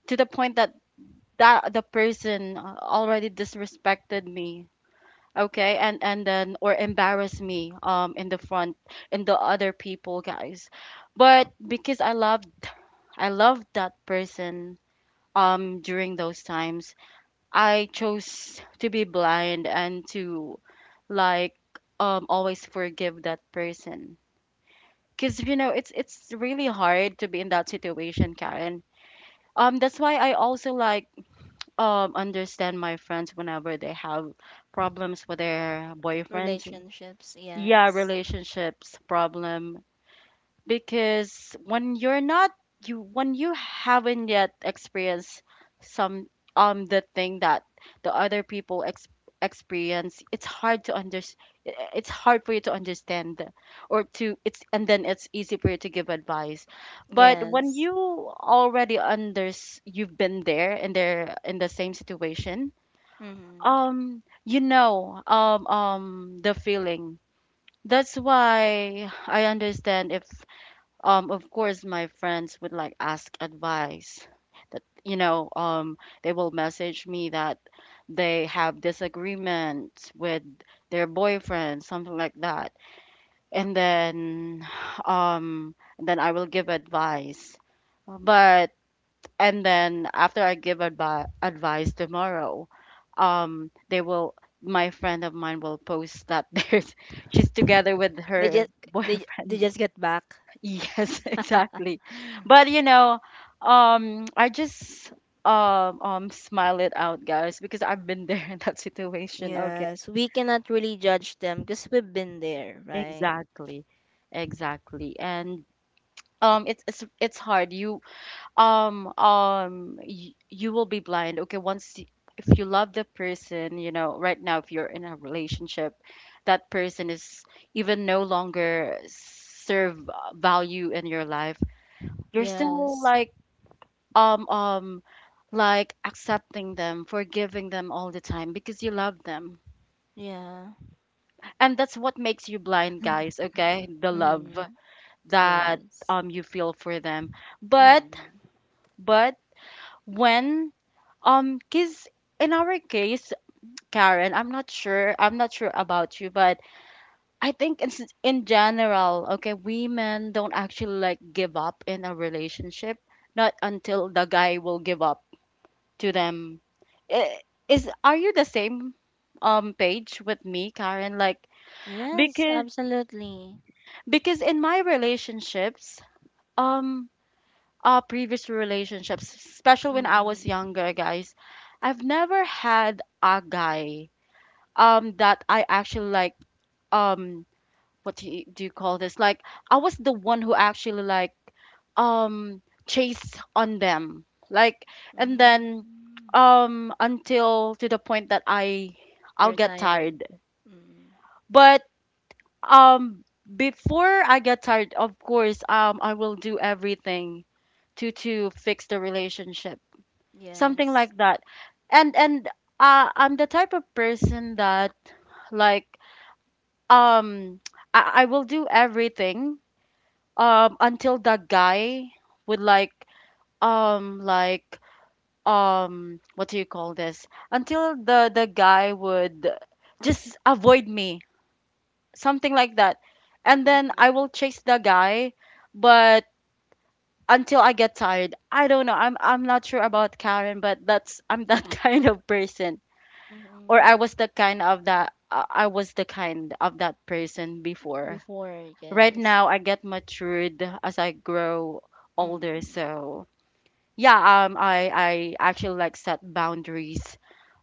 to the point that that the person already disrespected me. Okay, and then or embarrass me in the front, in the other people, guys. But because I loved that person during those times, I chose to be blind and to like always forgive that person. Cause you know it's really hard to be in that situation, Karen. That's why I also like understand my friends whenever they have problems with their boyfriends. Relationships. Yeah, Yes. relationships problem, because when you're not you when you haven't yet experienced some the thing that the other people ex experience, it's hard to under it's hard for you to understand, or to, it's and then it's easy for you to give advice. But when Yes. you already under you've been there in the same situation, Mm-hmm. You know the feeling, that's why I understand if, of course, my friends would like ask advice. That you know, they will message me that they have disagreements with their boyfriend, something like that, and then, then I will give advice. But and then after I give advice tomorrow, they will. My friend of mine will post that there's she's together with They her just they boyfriend. just get back. Yes, exactly. But you know, I just smile it out, guys, because I've been there in that situation. Okay, Yes. We cannot really judge them because we've been there, right? exactly, exactly, and it's hard. You you will be blind, okay, once if you love the person, you know. Right now, if you're in a relationship, that person is even no longer serve value in your life, you're Yeah. still um um like accepting them, forgiving them all the time because you love them, Yeah. and that's what makes you blind, guys, okay, the love Mm. that Yes. You feel for them. But Mm. but When cause in our case, Karen, I'm not sure. I'm not sure about you, but I think in general, okay, women don't actually like give up in a relationship. Not until the guy will give up to them. I- Is Are you the same page with me, Karen? Like, Yes. because Absolutely. because in my relationships, um, previous relationships, especially when I was Mm-mm. younger, guys, I've never had a guy that I actually like, um what do do you call this? Like, I was the one who actually, like, chased on them. Like, and then Mm. Until to the point that You're I'll get tired. tired. Mm. But before I get tired, of course, I will do everything to fix the relationship. Something Yes. like that. And I'm the type of person that, like, um I will do everything until the guy would, like, um like what do you call this, until the guy would just avoid me, something like that, and then I will Mm-mm. chase the guy. But until I get tired, I don't know, I'm not sure about Karen, but that's I'm that kind of person. Or Mm-mm. I was the kind of that I was the kind of that person before. Before, Right yes. now I get matured as I grow older. Mm-mm. So yeah, I actually like set boundaries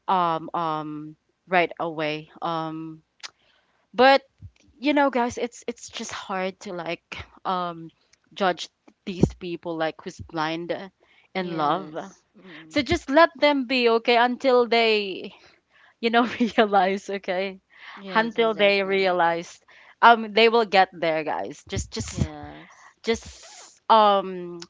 um um right away. But you know, guys, it's just hard to, like, um judge these people, like, who's blind in love. Yes. So Mm-mm. just let them be, okay, until they, you know, realize, okay, Yes, until they exactly. realize. They will get there, guys. Yes. Just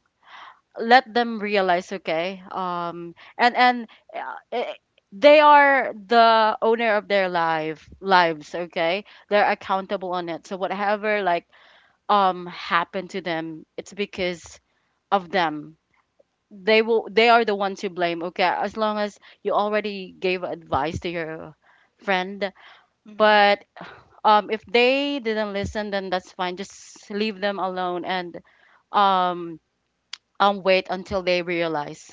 let them realize, okay, and uh, eh, they are the owner of their life lives, okay, they're accountable on it, so whatever, like, happened to them, it's because of them. They are the one to blame, okay, as long as you already gave advice to your friend. Mm-mm. But if they didn't listen, then that's fine, just leave them alone, and um wait until they realize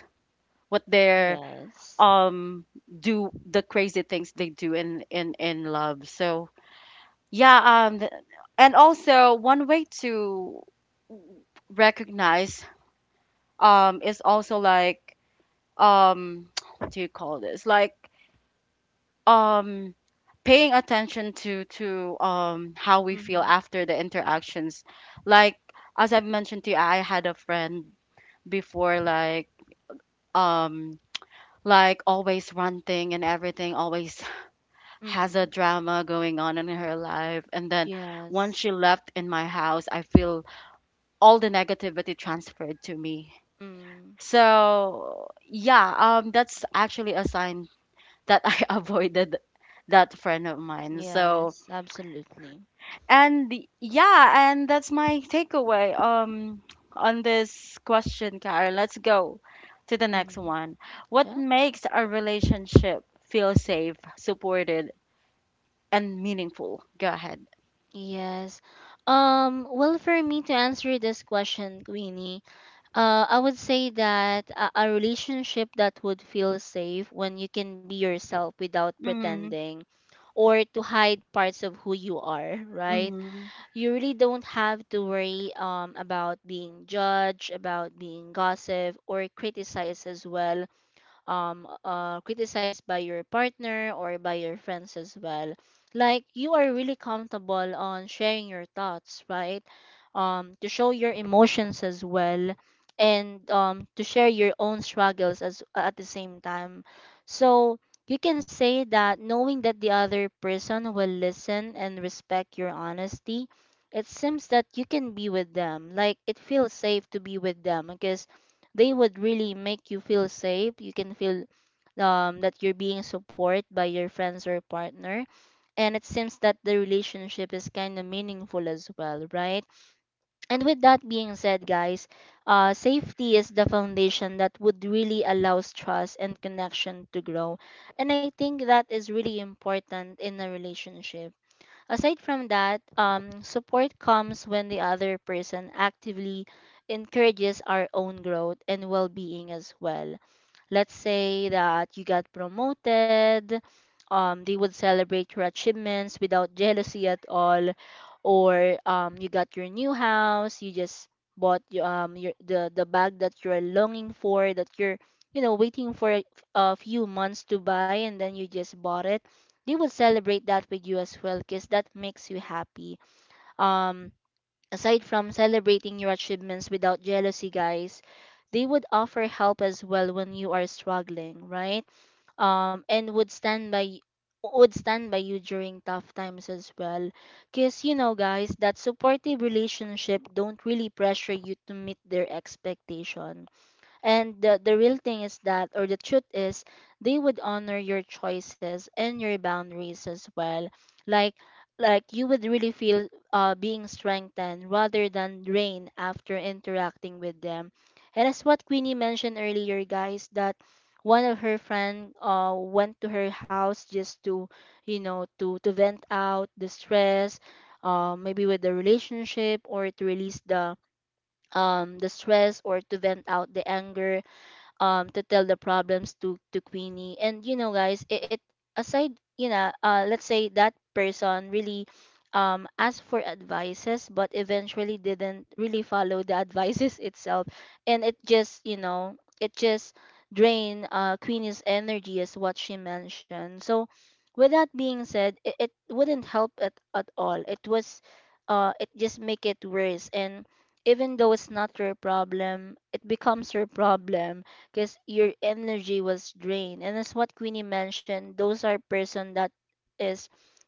what they're Yes. um do, the crazy things they do in in love. So yeah, and also one way to recognize is also like, um what do you call this, like, um paying attention to how we feel Mm-mm. after the interactions. Like, as I've mentioned to you, I had a friend before, like, um like always ranting and everything, always has a Mm-mm. drama going on in her life. And then once Yes. she left in my house, I feel all the negativity transferred to me. Mm. So yeah, that's actually a sign that I avoided that friend of mine. Yes, So absolutely. Yeah, and that's my takeaway on this question, Karen. Let's go to the next Mm-hmm. one. What Yeah. makes a relationship feel safe, supported, and meaningful? Go ahead. Yes. Well, for me to answer this question, Queenie, I would say that a relationship that would feel safe when you can be yourself without Mm-hmm. pretending or to hide parts of who you are, right? Mm-hmm. You really don't have to worry, about being judged, about being gossiped or criticized as well, criticized by your partner or by your friends as well, like you are really comfortable on sharing your thoughts, right? To show your emotions as well, and to share your own struggles as at the same time. So you can say that knowing that the other person will listen and respect your honesty, it seems that you can be with them, like it feels safe to be with them, because they would really make you feel safe. You can feel that you're being supported by your friends or partner. And it seems that the relationship is kind of meaningful as well, right? And with that being said, guys, safety is the foundation that would really allows trust and connection to grow. And I think that is really important in a relationship. Aside from that, support comes when the other person actively encourages our own growth and well being as well. Let's say that you got promoted, they would celebrate your achievements without jealousy at all, or you got your new house, you just the bag that you're longing for, that you're you know waiting for a few months to buy, and then you just bought it. They would celebrate that with you as well, because that makes you happy. Um, Aside from celebrating your achievements without jealousy, guys, they would offer help as well when you are struggling, right? And would stand would stand by you during tough times as well. Cause you know, guys, that supportive relationship don't really pressure you to meet their expectation, and the real thing is that, or the truth is, they would honor your choices and your boundaries as well. Like, like you would really feel, being strengthened rather than drained after interacting with them. And as what Queenie mentioned earlier, guys, that one of her friend, went to her house just to, you know, to vent out the stress, maybe with the relationship, or to release the stress, or to vent out the anger, to tell the problems to Queenie. And you know, guys, it aside, you know, let's say that person really asked for advices but eventually didn't really follow the advices itself, and it just, you know, it just drained, Queenie's energy, is what she mentioned. So with that being said, it wouldn't help it at all. It was it just make it worse. And even though it's not your problem, it becomes your problem because your energy was drained. And as what Queenie mentioned, those are person that is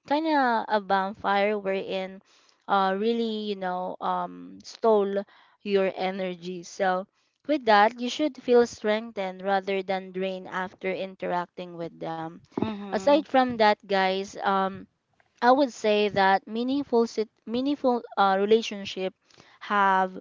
kind of a bonfire, wherein really, you know, stole your energy. So with that, you should feel strengthened rather than drained after interacting with them. Mm-hmm. Aside from that, guys, I would say that meaningful relationship have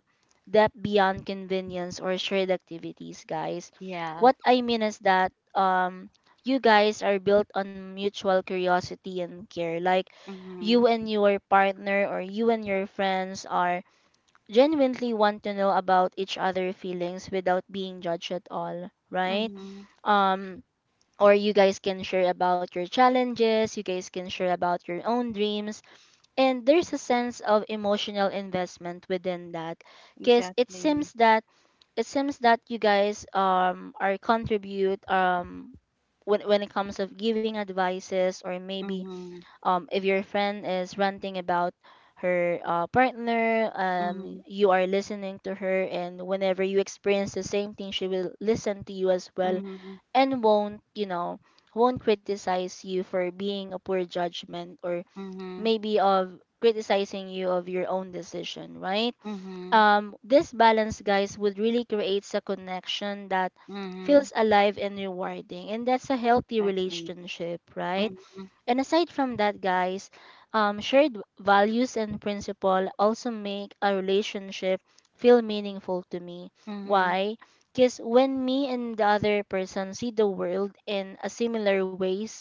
depth beyond convenience or shared activities, guys. Yeah. What I mean is that you guys are built on mutual curiosity and care. Like Mm-hmm. you and your partner or you and your friends are genuinely want to know about each other feelings without being judged at all, right? Mm-hmm. Um or you guys can share about your challenges, you guys can share about your own dreams, and there's a sense of emotional investment within that because Exactly. It seems that you guys are contribute when, it comes of giving advices, or maybe Mm-hmm. If your friend is ranting about her partner, Mm-hmm. you are listening to her, and whenever you experience the same thing she will listen to you as well Mm-hmm. and won't won't criticize you for being a poor judgment, or Mm-hmm. maybe of criticizing you of your own decision, right? Mm-hmm. This balance, guys, would really creates a connection that Mm-hmm. feels alive and rewarding, and that's a healthy Exactly. relationship, right? And aside from that, guys, values and principle also make a relationship feel meaningful to me. Mm-hmm. Why? Because when me and the other person see the world in a similar ways,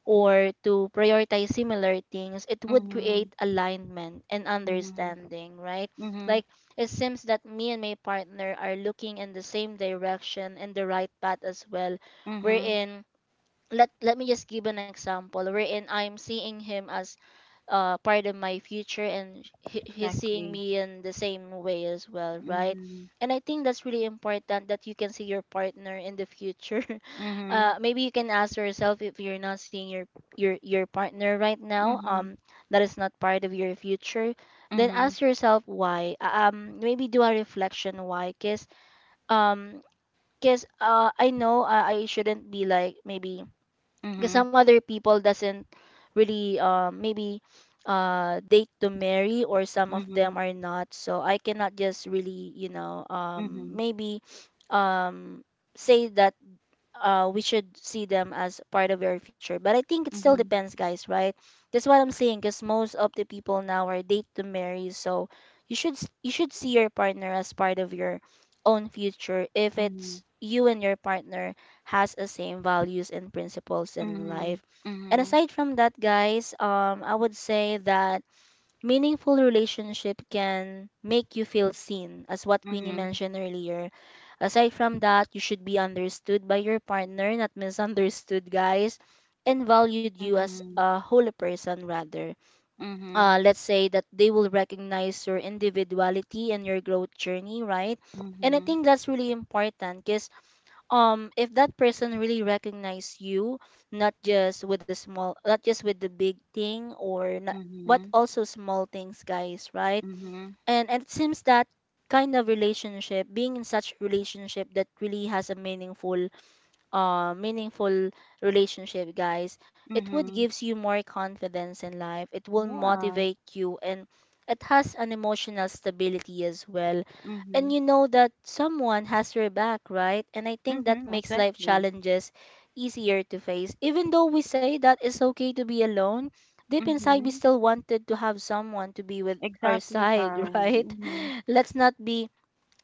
or to prioritize similar things, it would create Mm-hmm. alignment and Mm-hmm. understanding, right? Mm-hmm. Like it seems that me and my partner are looking in the same direction and the right path as well. We're Mm-hmm. in Let me just give an example wherein I'm seeing him as part of my future, and he's seeing Exactly. me in the same way as well, right? Mhm. And I think that's really important that you can see your partner in the future. Mhm. Maybe you can ask yourself if you're not seeing your partner right now, Mhm. That is not part of your future. Then ask Mhm. yourself why. Maybe do a reflection why, cause um, cause I know I shouldn't be like maybe because some Mhm. other people doesn't really maybe date to marry, or some of them Mhm. are not, so I cannot just really Mhm. maybe um say that we should see them as part of your future. But I think it still Mhm. depends, guys, right? That's what I'm saying, because most of the people now are date to marry, so you should see your partner as part of your own future if it's Mhm. you and your partner has the same values and principles in life. Mhm. And Mhm. aside from that, guys, I would say that meaningful relationship can make you feel seen, as what Queenie Mhm. mentioned earlier. Aside from that, you should be understood by your partner, not misunderstood, guys, and valued you as a whole person rather. Mhm. Let's say that they will recognize your individuality and your growth journey, right? And I Mhm. think that's really important because if that person really recognize you, not just with the small not just with the big thing or not, Mhm. but Mhm. also small things, guys, right? Mhm. And it seems that kind of relationship being in such relationship that really has a meaningful relationship, guys, it would Mhm. gives you more confidence in life. It will Yeah. motivate you, and it has an emotional stability as well. And Mhm. you know that someone has your back, right? And I think that Mhm. makes life Exactly. challenges easier to face. Even though we say that it's okay to be alone, deep inside we Mhm. still wanted to have someone to be with our Exactly, side, right? Karen. Mhm. Let's not be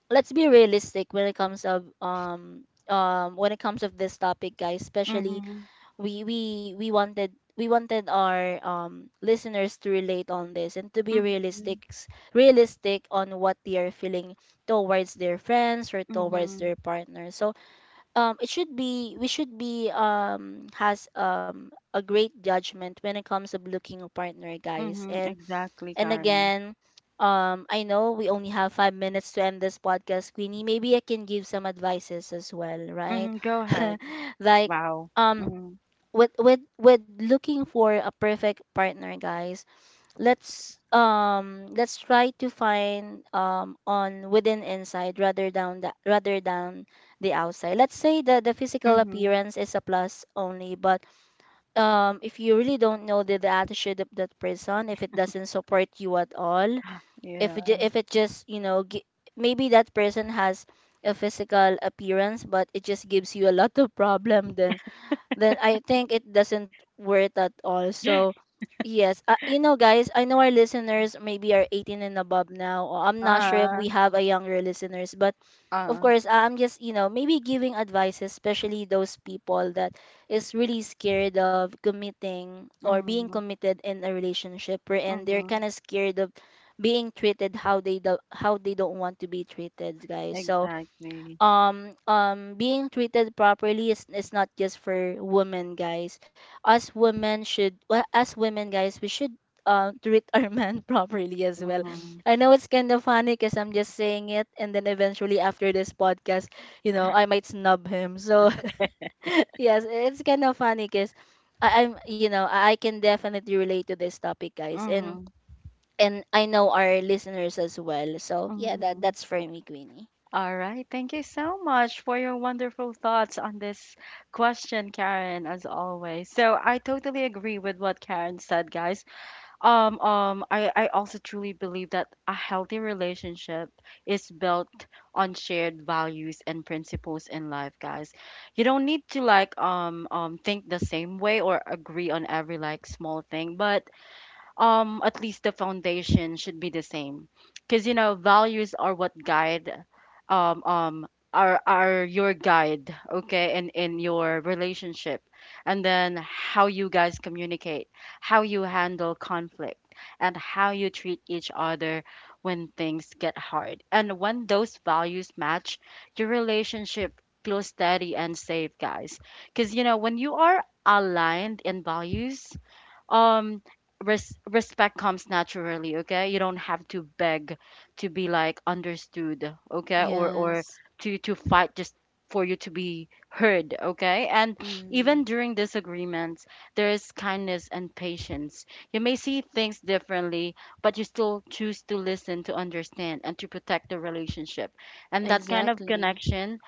Let's be realistic when it comes of when it comes of this topic, guys, especially Mhm. We wanted our listeners to relate on this and to be Mhm. Realistic on what they are feeling towards their friends or towards Mhm. their partner. So it should be we should be has a great judgment when it comes of looking a partner, guys. Mhm. and Exactly, and Karen. again, I know we only have 5 minutes to end this podcast, Queenie. Maybe I can give some advices as well, right? Mhm. Go ahead. Like, Wow. um, Mhm. with with looking for a perfect partner, guys, let's try to find on within inside, rather than the outside. Let's say that the physical Mhm. appearance is a plus only, but if you really don't know the attitude of that person, if it doesn't support you at all, if it just maybe that person has a physical appearance, but it just gives you a lot of problem, then I think it doesn't worth at all. Yeah. So yes, guys, I know our listeners maybe are 18 and above now. Or I'm not sure if Ah, we have a younger listeners, but of oo. course, I'm just maybe giving advice, especially those people that is really scared of committing or being Mhm, committed in a relationship, and they're mhm. kind of scared of being treated how they don't want to be treated, guys. So Exactly. Being treated properly is not just for women, guys. Us women should well, As women, guys, we should treat our men properly as well. Mhm, I know it's kind of funny because I'm just saying it and then eventually after this podcast, you know, I might snub him. So yes, it's kind of funny because I'm you know I can definitely relate to this topic, guys. and mhm, and I know our listeners as well. So yeah, mhm. that's for me, Queenie. All right. Thank you so much for your wonderful thoughts on this question, Karen, as always. So I totally agree with what Karen said, guys. I also truly believe that a healthy relationship is built on shared values and principles in life, guys. You don't need to, like, think the same way or agree on every, like, small thing, but at least the foundation should be the same, because you know values are what guide um um are your guide, okay, in your relationship, and then how you guys communicate, how you handle conflict, and how you treat each other when things get hard. And when those values match, your relationship feels steady and safe, guys, because you know when you are aligned in values, um respect comes naturally, okay, you don't have to beg to be, like, understood, okay, or Yes. To fight just for you to be heard, okay. And even during disagreements, there is kindness and patience. You may see things differently, but you still choose to listen, to understand, and to protect the relationship, and that kind of Exactly. connection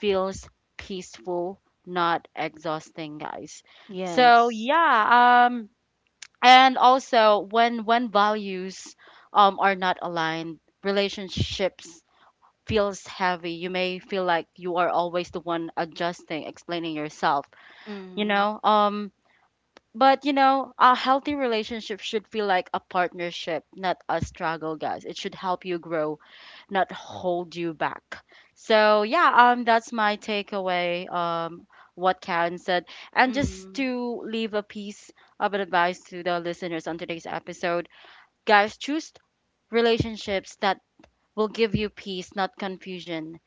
feels peaceful, not exhausting, guys. So Yes. yeah, and also when values are not aligned, relationships feels heavy. You may feel like you are always the one adjusting, explaining yourself, you Mm. know. But you know a healthy relationship should feel like a partnership, not a struggle, guys. It should help you grow, not hold you back. So yeah, that's my takeaway what Karen said. And just Mm. to leave a piece of advice to the listeners on today's episode: guys, choose relationships that will give you peace, not confusion.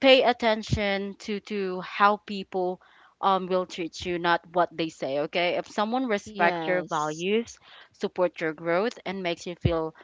Pay attention to how people will treat you, not what they say, okay? If someone respects your Yes. values, support your growth, and makes you feel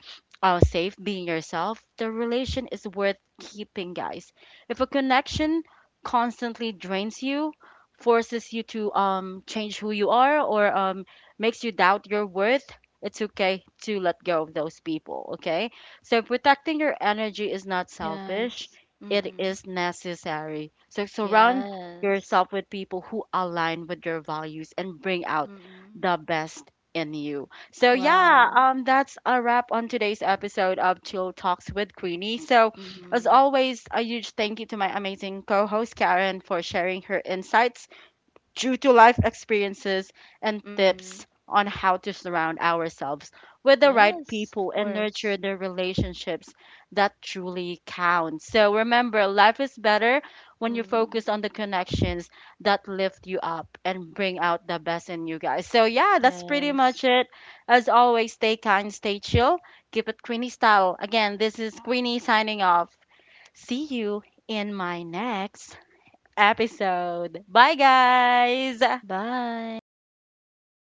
safe being yourself, the relation is worth keeping, guys. If a connection constantly drains you, forces you to change who you are, or makes you doubt your worth, it's okay to let go of those people, okay? So protecting your energy is not selfish, Yes. it Mm. is necessary. So surround Yes. yourself with people who align with your values and bring out Mm. the best in you. So yeah, Wow. That's a wrap on today's episode of Chill Talks with Queenie. So as Mm. always, a huge thank you to my amazing co-host Karen for sharing her insights due to life experiences and Mm. tips on how to surround ourselves with the right Yes, of people and course. nurture the relationships that truly count. So remember, life is better when you Mm. focus on the connections that lift you up and bring out the best in you, guys. So yeah, that's pretty Yes. much it. As always, stay kind, stay chill, keep it Queenie style. Again, this is Queenie signing off. See you in my next episode. Bye, guys. Bye.